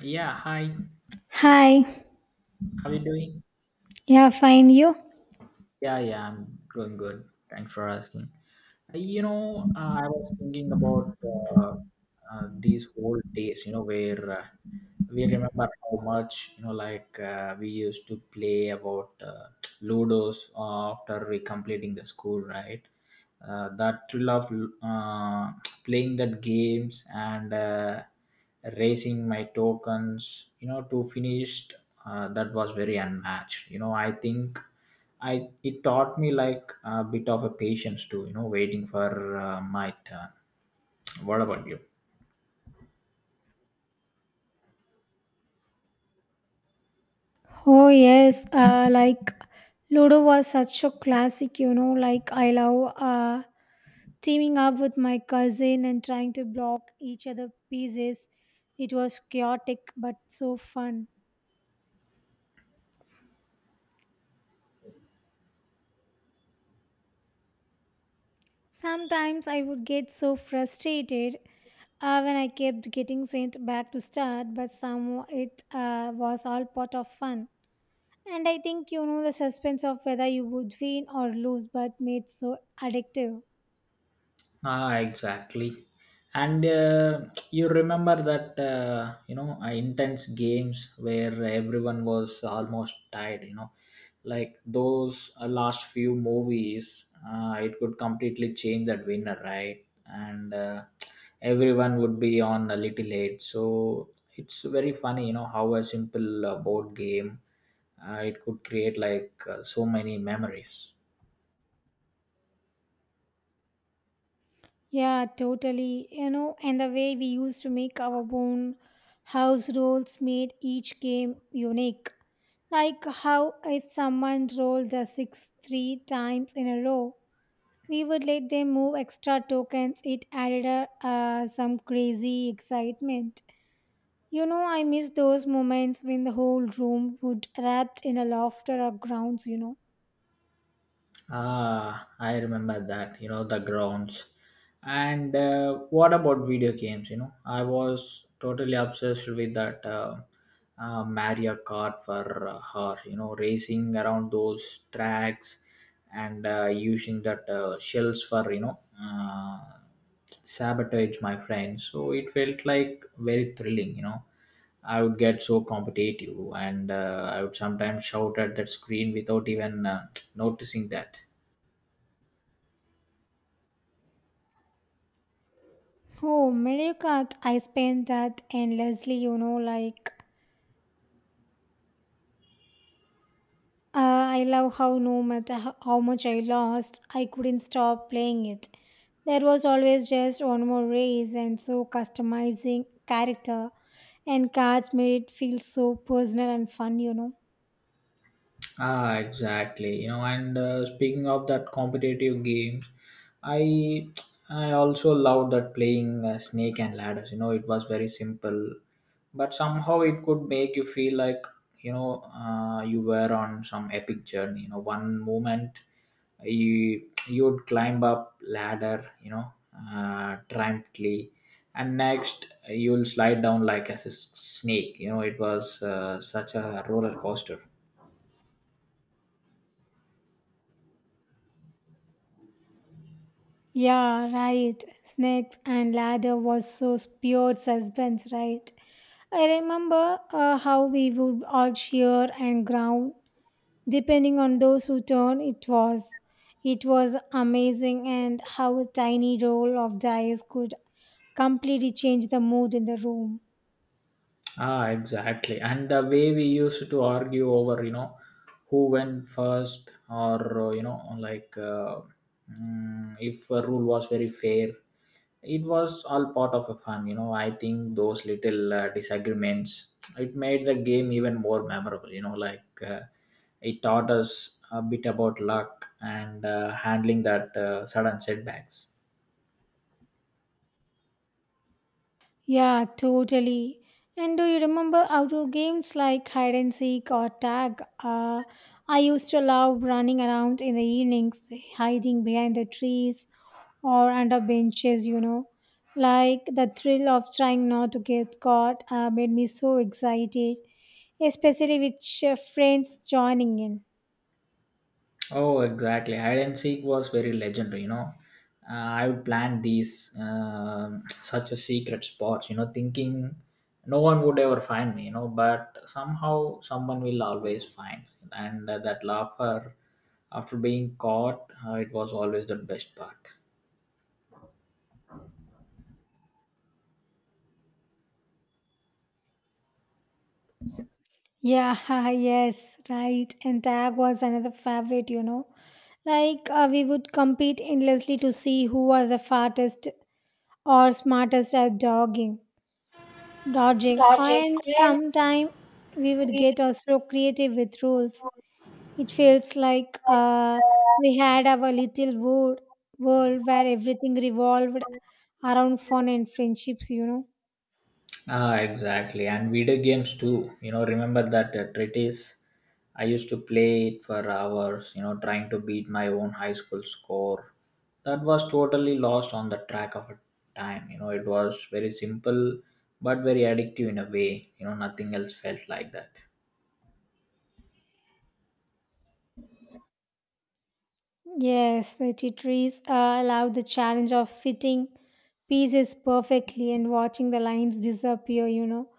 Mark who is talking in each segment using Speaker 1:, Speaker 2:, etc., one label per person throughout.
Speaker 1: Yeah, hi.
Speaker 2: Hi,
Speaker 1: How are you doing?
Speaker 2: yeah, fine. You?
Speaker 1: Yeah, yeah, I'm doing good. Thanks for asking. I was thinking about these old days, where we remember how much, we used to play about Ludos after we completing the school, right? That thrill of uh, playing that games and raising my tokens, to finished, that was very unmatched. You know, I think. I it taught me like a bit of a patience too, waiting for my turn. What about you?
Speaker 2: Oh, yes. Like Ludo was such a classic, you know. Like, I love teaming up with my cousin and trying to block each other pieces. It was chaotic but so fun. Sometimes I would get so frustrated when I kept getting sent back to start, but somehow it was all part of fun. And I think you know the suspense of whether you would win or lose, but made so addictive.
Speaker 1: Ah, exactly. And you remember that intense games where everyone was almost tired. You know, like those last few movies, it could completely change that winner, right? And everyone would be on a little late. So it's very funny, you know, how a simple board game it could create like so many memories.
Speaker 2: Yeah, totally. You know, and the way we used to make our own house rolls made each game unique. Like how if someone rolled the six three times in a row, we would let them move extra tokens. It added a, some crazy excitement. You know, I miss those moments when the whole room would erupt in a laughter or grounds, you know.
Speaker 1: Ah, I remember that, you know, the grounds. And what about video games? You know, I was totally obsessed with that Mario Kart for her, you know, racing around those tracks and using that shells for, sabotage my friends. So it felt like very thrilling, you know. I would get so competitive and I would sometimes shout at that screen without even noticing that.
Speaker 2: Oh, Mario Kart, I spent that endlessly, you know, like I love how no matter how much I lost, I couldn't stop playing it. There was always just one more race, and so customizing character and cards made it feel so personal and fun, you know.
Speaker 1: Ah, exactly. You know, and speaking of that competitive games, I I also love that playing Snake and Ladders. You know, it was very simple, but somehow it could make you feel like you were on some epic journey. You know, one moment you would climb up ladder, triumphantly, and next you'll slide down like a snake. You know, it was such a roller coaster.
Speaker 2: Yeah, right. Snakes and Ladder was so pure suspense, right? I remember how we would all cheer and growl depending on those who turn, it was. It was amazing and how a tiny roll of dice could completely change the mood in the room.
Speaker 1: Ah, exactly. And the way we used to argue over, you know, who went first, or if a rule was very fair, it was all part of a fun. You know, I think those little disagreements it made the game even more memorable. It taught us a bit about luck and handling that sudden setbacks.
Speaker 2: Yeah, totally. And do you remember outdoor games like hide and seek or tag? I used to love running around in the evenings, hiding behind the trees or under benches, you know. Like the thrill of trying not to get caught made me so excited, especially with friends joining in.
Speaker 1: Oh, exactly. Hide and seek was very legendary. I would plan these such a secret spots. You know, thinking no one would ever find me. You know, but somehow someone will always find. And that laughter after being caught, it was always the best part.
Speaker 2: Yeah, yes, right. And tag was another favorite, you know. We would compete endlessly to see who was the fastest or smartest at dodging. And sometime we would get also creative with rules. It feels like we had our little world where everything revolved around fun and friendships, you know.
Speaker 1: Ah, exactly. And video games too. You know, remember that treatise? I used to play it for hours, you know, trying to beat my own high school score. That was totally lost on the track of time. You know, it was very simple but very addictive in a way. You know, nothing else felt like that.
Speaker 2: Yes, the tea trees allow the challenge of fitting pieces perfectly and watching the lines disappear, you know.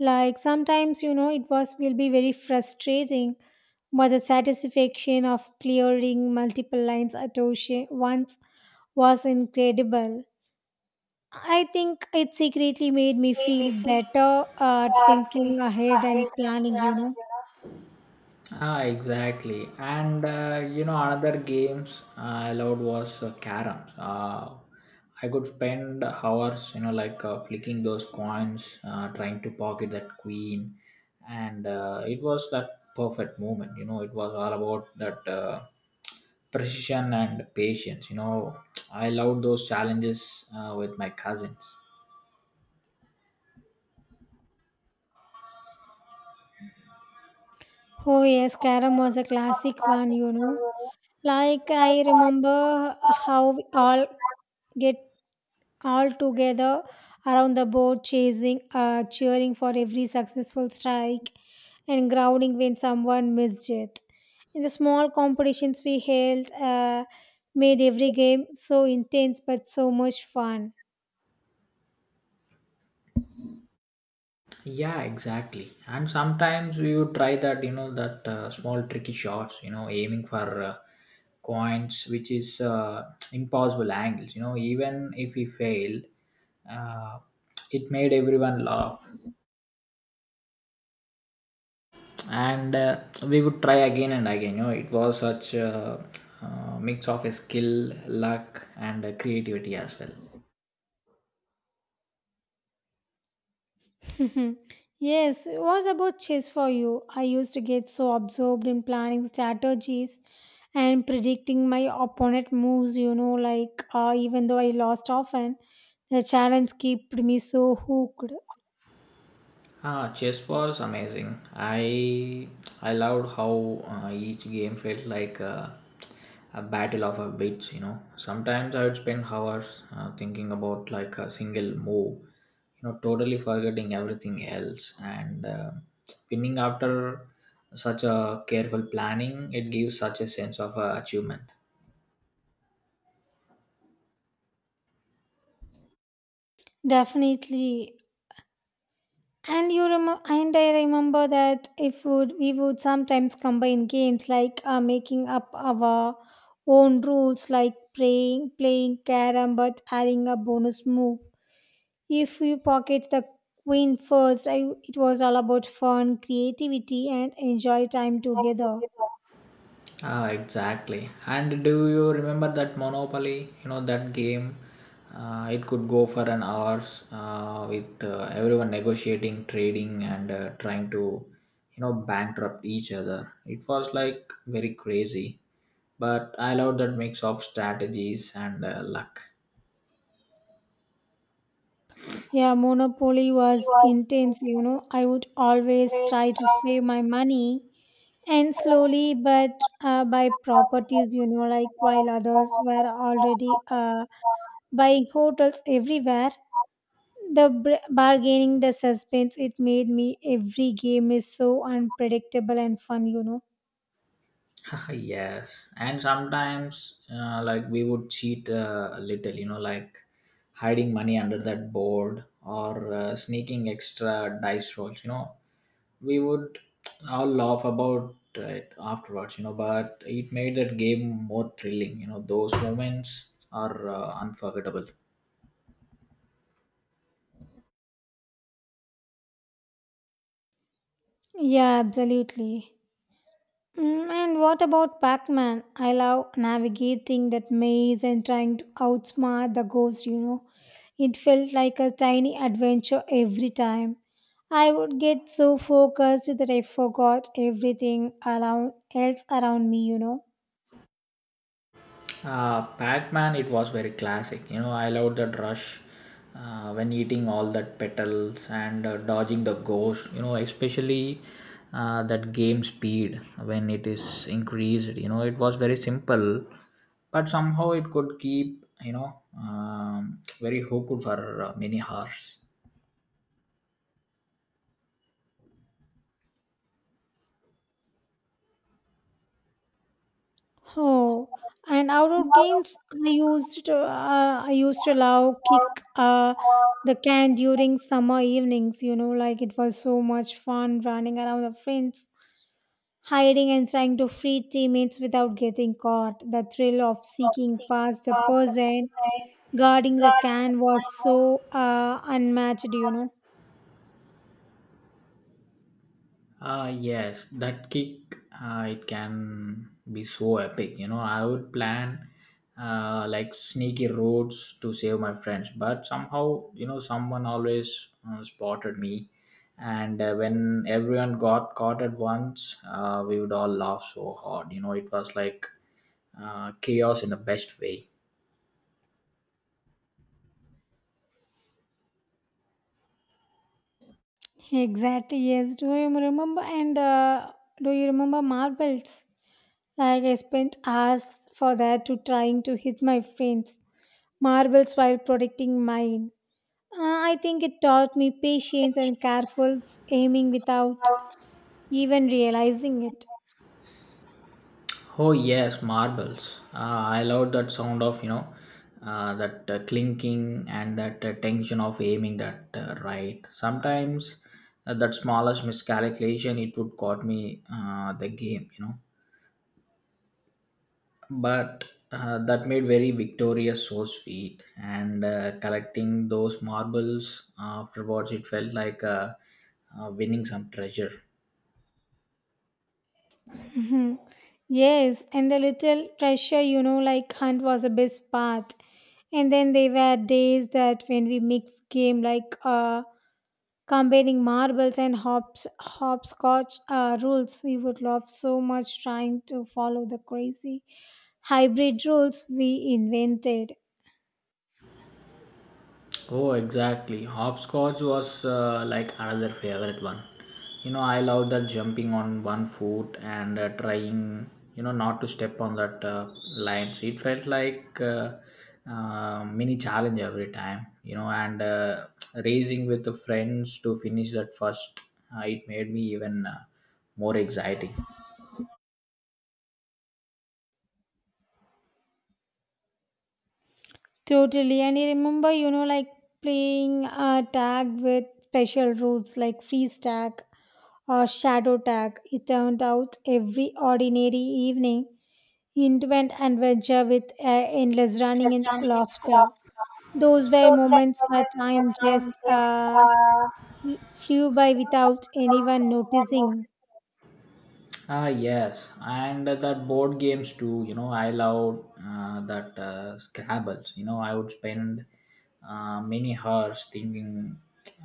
Speaker 2: Like sometimes, you know, it was will be very frustrating, but the satisfaction of clearing multiple lines at ocean once was incredible. I think it secretly made me feel better thinking ahead and planning, you know.
Speaker 1: Ah, exactly. And you know, another games I loved was caroms. I could spend hours, flicking those coins, trying to pocket that queen, and it was that perfect moment. You know, it was all about that precision and patience. You know, I loved those challenges with my cousins.
Speaker 2: Oh yes, Karam was a classic one, you know. Like I remember how we all get all together around the board chasing cheering for every successful strike and grounding when someone missed it. In the small competitions we held made every game so intense but so much fun.
Speaker 1: Yeah, exactly. And sometimes we would try that, you know, that small tricky shots, you know, aiming for coins, which is impossible angles. You know, even if we failed, uh, it made everyone laugh, and we would try again and again. You know, it was such a mix of a skill, luck, and creativity as well.
Speaker 2: Mhm, yes, what about chess for you? I used to get so absorbed in planning strategies and predicting my opponent moves, you know, even though I lost often, the challenge kept me so hooked.
Speaker 1: Ah, chess was amazing. I loved how each game felt like a battle of a bits. You know, sometimes I would spend hours thinking about like a single move. You know, totally forgetting everything else and winning after such a careful planning. It gives such a sense of achievement.
Speaker 2: Definitely. And you remember, and I remember that if would we would sometimes combine games like making up our own rules, like playing carom, but adding a bonus move if you pocket the queen first, I, it was all about fun, creativity, and enjoy time together.
Speaker 1: Ah, exactly. And do you remember that Monopoly? You know that game. It could go for an hours with everyone negotiating, trading, and trying to, you know, bankrupt each other. It was like very crazy, but I loved that mix of strategies and luck.
Speaker 2: Yeah, Monopoly was intense, you know. I would always try to save my money and slowly but buy properties, you know, like while others were already buying hotels everywhere. The bargaining, the suspense, it made me every game is so unpredictable and fun, you know.
Speaker 1: yes, and sometimes we would cheat a little, you know, like hiding money under that board or sneaking extra dice rolls, you know, we would all laugh about it afterwards, you know, but it made that game more thrilling. You know, those moments are unforgettable.
Speaker 2: Yeah, absolutely. Mm, and what about Pac Man? I love navigating that maze and trying to outsmart the ghost, you know. It felt like a tiny adventure every time. I would get so focused that I forgot everything around else around me, you know.
Speaker 1: Pac-Man, it was very classic. You know, I loved that rush when eating all that petals and dodging the ghost. You know, especially that game speed when it is increased. You know, it was very simple, but somehow it could keep very hooked for many hours.
Speaker 2: Oh, and outdoor games I used to love kick the can during summer evenings. You know, like it was so much fun running around with friends hiding and trying to free teammates without getting caught, the thrill of seeking past the person guarding the can was so unmatched, you know.
Speaker 1: Yes, that kick it can be so epic. You know, I would plan sneaky roads to save my friends, but somehow you know someone always spotted me, and when everyone got caught at once, we would all laugh so hard. You know, it was like chaos in the best way.
Speaker 2: Exactly, yes. Do you remember? And Do you remember marbles? Like I spent hours for that to trying to hit my friends marbles while protecting mine. I think it taught me patience and careful aiming without even realizing it.
Speaker 1: Oh yes, marbles. I love that sound of that clinking and that tension of aiming that right. Sometimes that smallest miscalculation it would cost me the game, you know. But that made very Victoria so sweet, and collecting those marbles afterwards, it felt like winning some treasure.
Speaker 2: Mhm. Yes, and the little treasure, you know, like hunt was the best part. And then there were days that when we mixed game like combining marbles and hopscotch rules, we would laugh so much trying to follow the crazy hybrid rules we invented.
Speaker 1: Oh, exactly. Hopscotch was another favorite one. You know, I love that jumping on one foot and trying, you know, not to step on that lines. It felt like mini challenge every time, you know, and racing with the friends to finish that first, it made me even more exciting.
Speaker 2: Totally. And I remember, you know, like playing tag with special rules like freeze tag or shadow tag. It turned out every ordinary evening into an adventure with endless running and laughter. Those were moments where time just flew by without anyone noticing.
Speaker 1: Ah, yes, and that board games too. You know, I love that Scrabbles. You know, I would spend many hours thinking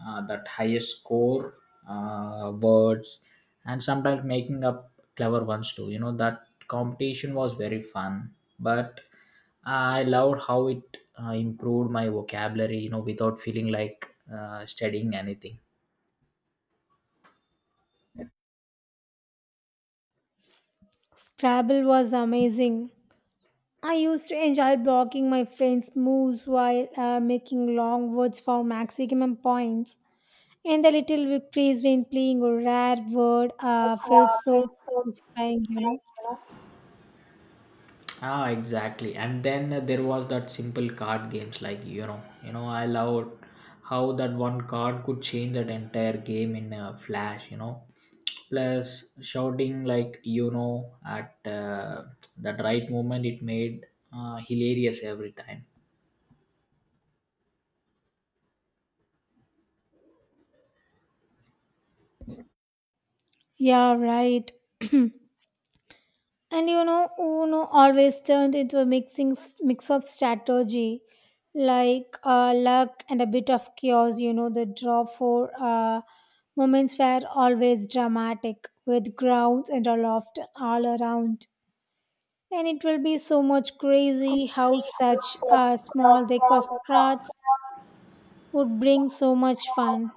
Speaker 1: that highest score words, and sometimes making up clever ones too. You know, that competition was very fun, but I loved how it improved my vocabulary. You know, without feeling like studying anything.
Speaker 2: Scrabble was amazing. I used to enjoy blocking my friends' moves while making long words for maximum points. And the little victories when playing a rare word feels so satisfying, you know.
Speaker 1: Ah, exactly. And then there was that simple card games like you know, I loved how that one card could change that entire game in a flash. You know, plus shouting like you know at that right moment, it made hilarious every time.
Speaker 2: Yeah, right. And you know, Uno always turned into a mixing mix of strategy, luck and a bit of chaos. You know, the draw for moments were always dramatic, with grounds and a loft all around. And it will be so much crazy how such a small deck of cards would bring so much fun.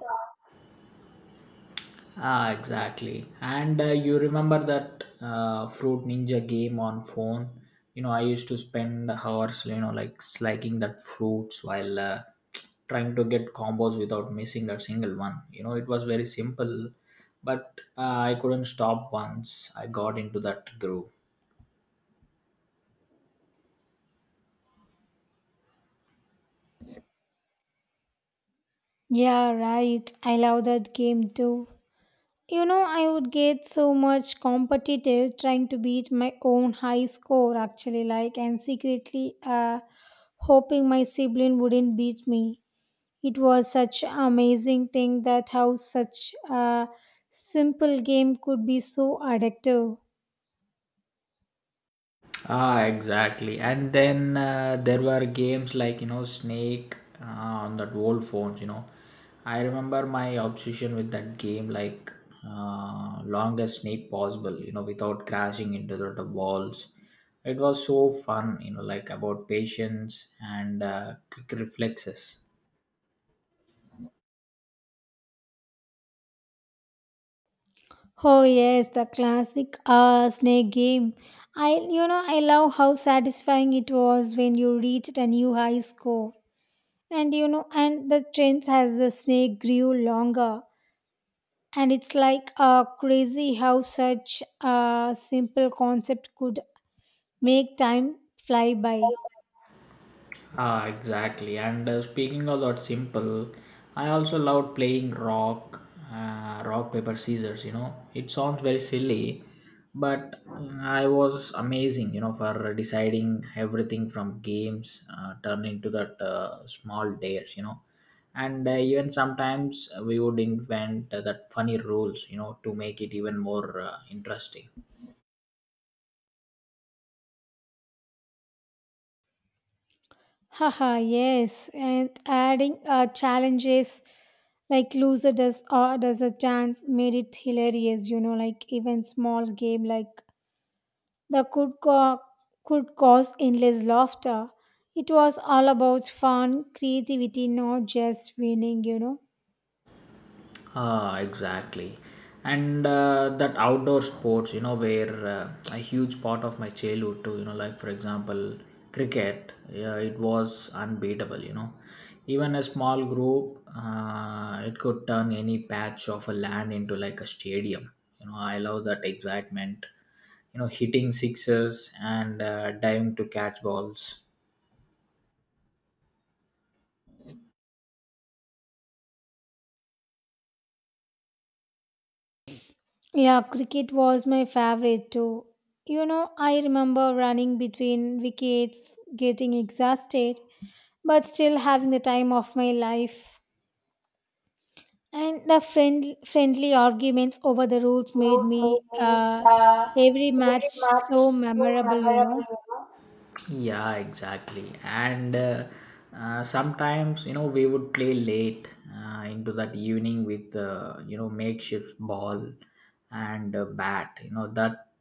Speaker 1: Ah, exactly. And you remember that Fruit Ninja game on phone? You know, I used to spend hours, slagging that fruits while trying to get combos without missing a single one. You know, it was very simple, but I couldn't stop once I got into that groove.
Speaker 2: Yeah, right. I love that game too. You know, I would get so much competitive trying to beat my own high score actually like and secretly hoping my sibling wouldn't beat me. It was such an amazing thing that how such a simple game could be so addictive.
Speaker 1: Ah, exactly. And then there were games like, you know, Snake on that old phones, you know. I remember my obsession with that game, like longest snake possible, you know, without crashing into the walls. It was so fun, you know, like about patience and quick reflexes.
Speaker 2: Oh yes, the classic snake game. I, you know, I love how satisfying it was when you reached a new high score, and you know, and the trends as the snake grew longer, and it's like crazy how such a simple concept could make time fly by.
Speaker 1: Ah, exactly. And speaking of that simple, I also loved playing rock paper scissors. You know, it sounds very silly, but I was amazing. You know, for deciding everything from games turn into that small dares. You know, and even sometimes we would invent that funny rules. You know, to make it even more interesting.
Speaker 2: Haha, yes, and adding challenges like loser does or does a chance made it hilarious, you know, like even small game like the could co- could cause endless laughter. It was all about fun creativity, not just winning, you know.
Speaker 1: Ah, exactly. And that outdoor sports, you know, were a huge part of my childhood too. You know, like for example, cricket. Yeah, it was unbeatable. You know, even a small group, it could turn any patch of a land into like a stadium. You know, I love that excitement. You know, hitting sixes and diving to catch balls.
Speaker 2: Yeah, cricket was my favorite too. You know, I remember running between wickets, getting exhausted, but still having the time of my life. And the friendly arguments over the rules made me every match so memorable, you know.
Speaker 1: Yeah, exactly. And sometimes, you know, we would play late into that evening with, you know, makeshift ball and bat. You know, that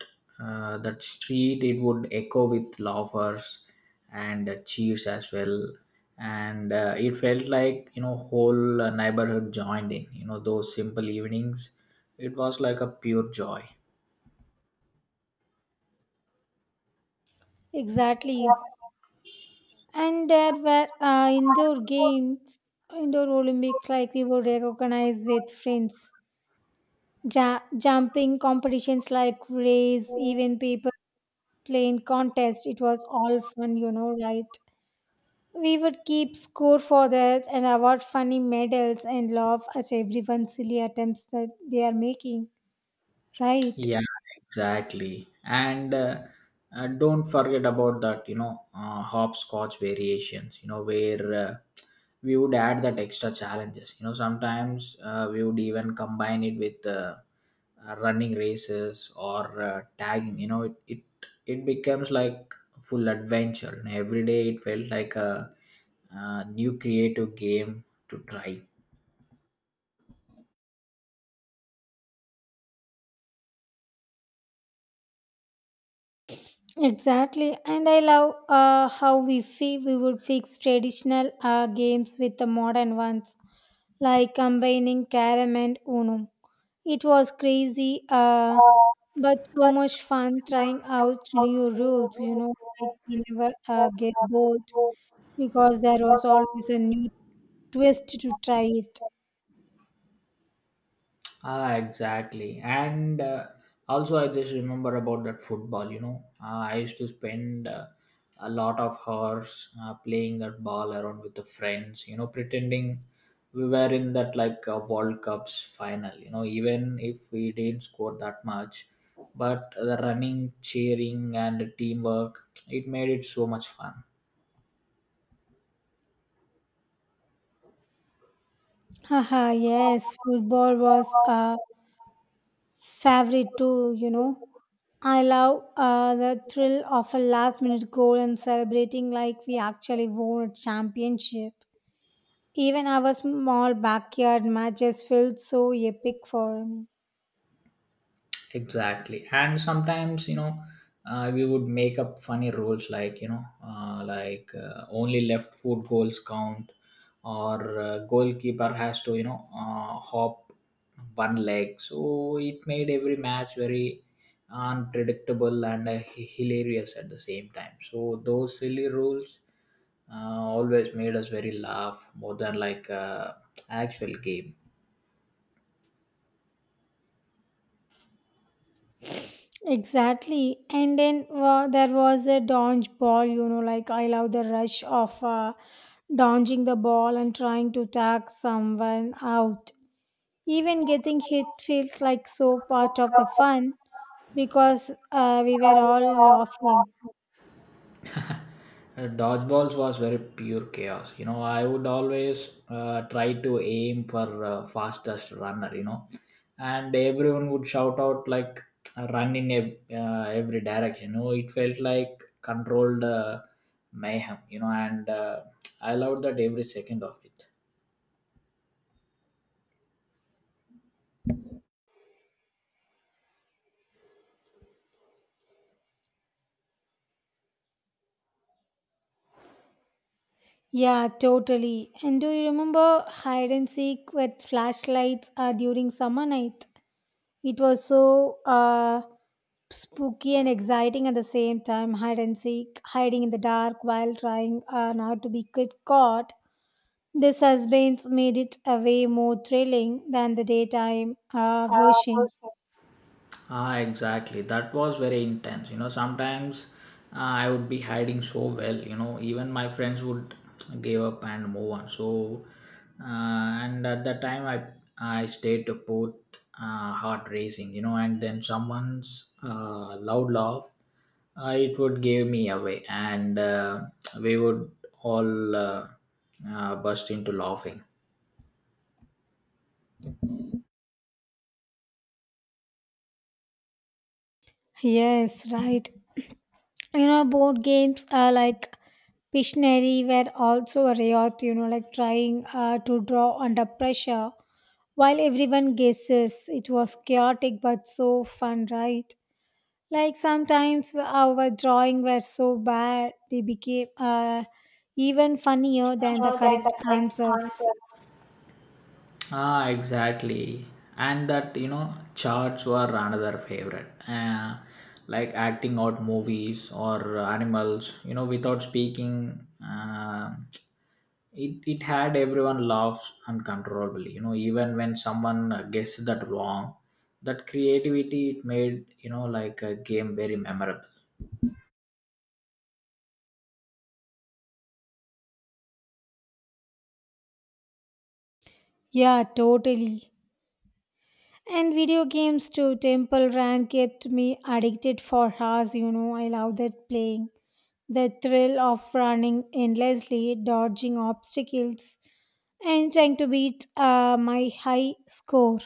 Speaker 1: that street, it would echo with laughers and cheers as well. And it felt like, you know, whole neighborhood joined in. You know, those simple evenings, it was like a pure joy.
Speaker 2: Exactly. And there were indoor Olympics like we would recognize with friends. Jumping competitions like race, even paper playing contest. It was all fun, you know, right? We would keep score for that and award funny medals and laugh at everyone's silly attempts that they are making, right?
Speaker 1: Yeah, exactly. And don't forget about that, hopscotch variations, where we would add that extra challenges. You know, sometimes we would even combine it with running races or tagging. You know, it becomes like a full adventure. You know, every day it felt like new creative game to try.
Speaker 2: Exactly, and I love how we would fix traditional games with the modern ones, like combining carom and Uno. It was crazy, but so much fun trying out new rules. You know, like we never get bored because there was always a new twist to try it.
Speaker 1: Ah, exactly. And also, I just remember about that football. You know, I used to spend a lot of hours playing that ball around with the friends. You know, pretending we were in that like World Cup's final. You know, even if we didn't score that much, but the running, cheering, and the teamwork, it made it so much fun.
Speaker 2: Haha, yes, football was a favorite too. You know. I love the thrill of a last minute goal and celebrating like we actually won a championship. Even our small backyard matches felt so epic for me.
Speaker 1: Exactly, and sometimes you know we would make up funny rules like you know like only left foot goals count or goalkeeper has to you know hop one leg, so it made every match very unpredictable and hilarious at the same time. So those silly rules always made us very laugh more than like actual game.
Speaker 2: Exactly. And then there was a dodge ball, you know, like I love the rush of dodging the ball and trying to tag someone out. Even getting hit feels like so part of the fun because we were all laughing.
Speaker 1: Dodgeballs was very pure chaos. You know, I would always try to aim for fastest runner. You know, and everyone would shout out like run in every direction. You know, it felt like controlled mayhem. You know, and I loved that every second of it.
Speaker 2: Yeah, totally. And do you remember hide and seek with flashlights during summer night? It was so spooky and exciting at the same time. Hide and seek, hiding in the dark while trying not to be get caught. The suspense made it a way more thrilling than the daytime version.
Speaker 1: Ah, exactly. That was very intense. You know, sometimes I would be hiding so well. You know, even my friends would give up and move on. So, and at that time, I stayed to put heart racing. You know, and then someone's loud laugh, it would give me away, and we would all burst into laughing.
Speaker 2: Yes, right. You know, board games like Pictionary were also a riot, you know, like trying to draw under pressure. While everyone guesses, it was chaotic but so fun, right? Like sometimes our drawing were so bad, they became even funnier than the correct answers.
Speaker 1: Ah, exactly. And that, you know, charts were another favorite. Like acting out movies or animals, you know, without speaking, it had everyone laugh uncontrollably. You know, even when someone guessed that wrong, that creativity it made, you know, like a game very memorable.
Speaker 2: Yeah, totally. And video games too. Temple Run kept me addicted for hours. You know, I love that playing. The thrill of running endlessly, dodging obstacles, and trying to beat my high score.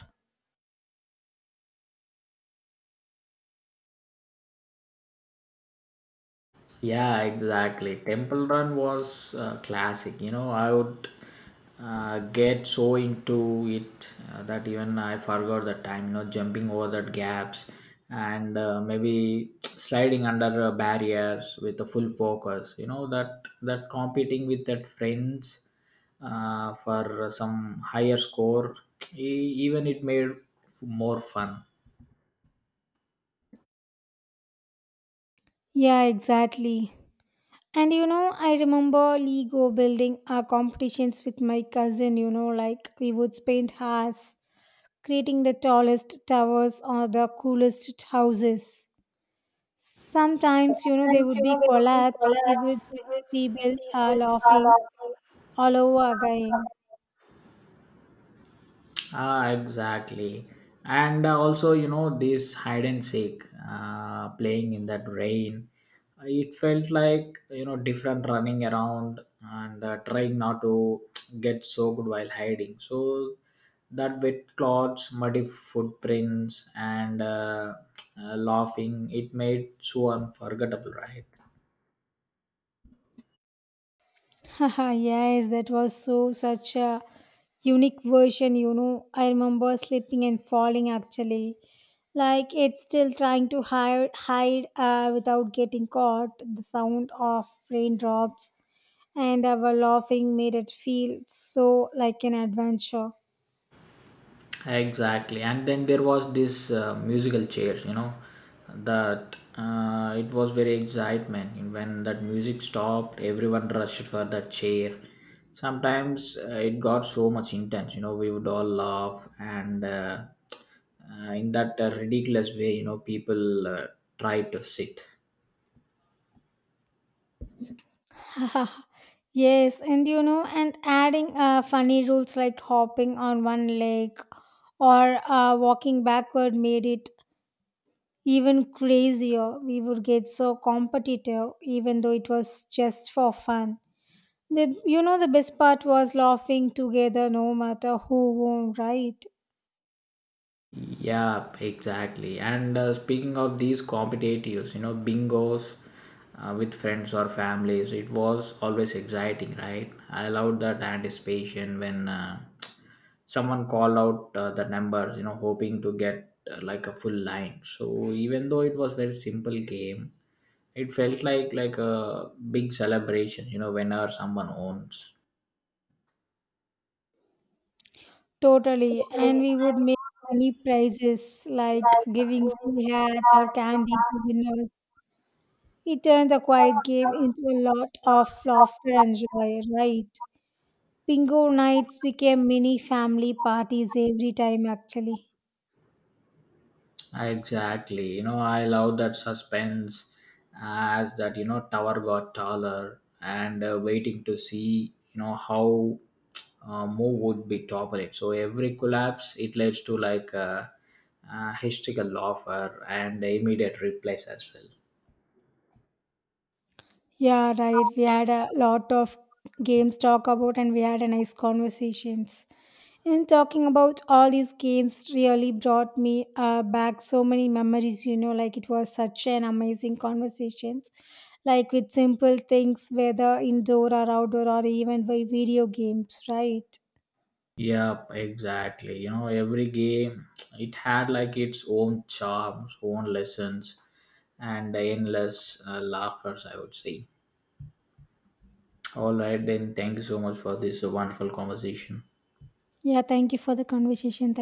Speaker 1: Yeah, exactly. Temple Run was classic. You know, I would get so into it that even I forgot the time. You know, jumping over that gaps and maybe sliding under barriers with a full focus. You know that competing with that friends for some higher score. Even it made more fun.
Speaker 2: Yeah, exactly. And you know, I remember Lego building competitions with my cousin. You know, like we would spend hours creating the tallest towers or the coolest houses. Sometimes, you know, they would be collapsed. We would rebuild laughing all over again.
Speaker 1: Ah, exactly. And also, you know, this hide and seek, playing in that rain, it felt like, you know, different running around and trying not to get soaked while hiding. So that wet clothes, muddy footprints, and laughing, it made so unforgettable, right?
Speaker 2: Haha, yes, that was so such a unique version, you know. I remember slipping and falling actually. Like it's still trying to hide without getting caught. The sound of raindrops and our laughing made it feel so like an adventure.
Speaker 1: Exactly, and then there was this musical chairs, you know, that it was very excitement when that music stopped. Everyone rushed for that chair. Sometimes it got so much intense, you know. We would all laugh, and in that ridiculous way, you know, people tried to sit.
Speaker 2: yes, and you know, and adding funny rules like hopping on one leg or walking backward made it even crazier. We would get so competitive, even though it was just for fun. The, you know, the best part was laughing together, no matter who won, right?
Speaker 1: Yeah, exactly. And speaking of these competitives, you know, bingos with friends or families, it was always exciting, right? I loved that anticipation when someone called out the numbers, you know, hoping to get like a full line. So even though it was very simple game, it felt like a big celebration, you know, whenever someone owns.
Speaker 2: Totally, and we would make funny prizes like giving silly hats or candy to winners. He turned the quiet game into a lot of laughter and joy, right? Bingo nights became mini family parties every time, actually.
Speaker 1: Exactly. You know, I love that suspense as that, you know, tower got taller and waiting to see, you know, how more would be topple it. So every collapse, it leads to like a historical laughter and immediate replace as well.
Speaker 2: Yeah, right. We had a lot of games talk about and we had a nice conversations. And talking about all these games really brought me back so many memories, you know, like it was such an amazing conversations. Like with simple things, whether indoor or outdoor or even by video games, right?
Speaker 1: Yep, exactly. You know, every game, it had like its own charms, own lessons, and endless laughers, I would say. All right, then. Thank you so much for this wonderful conversation.
Speaker 2: Yeah, thank you for the conversation.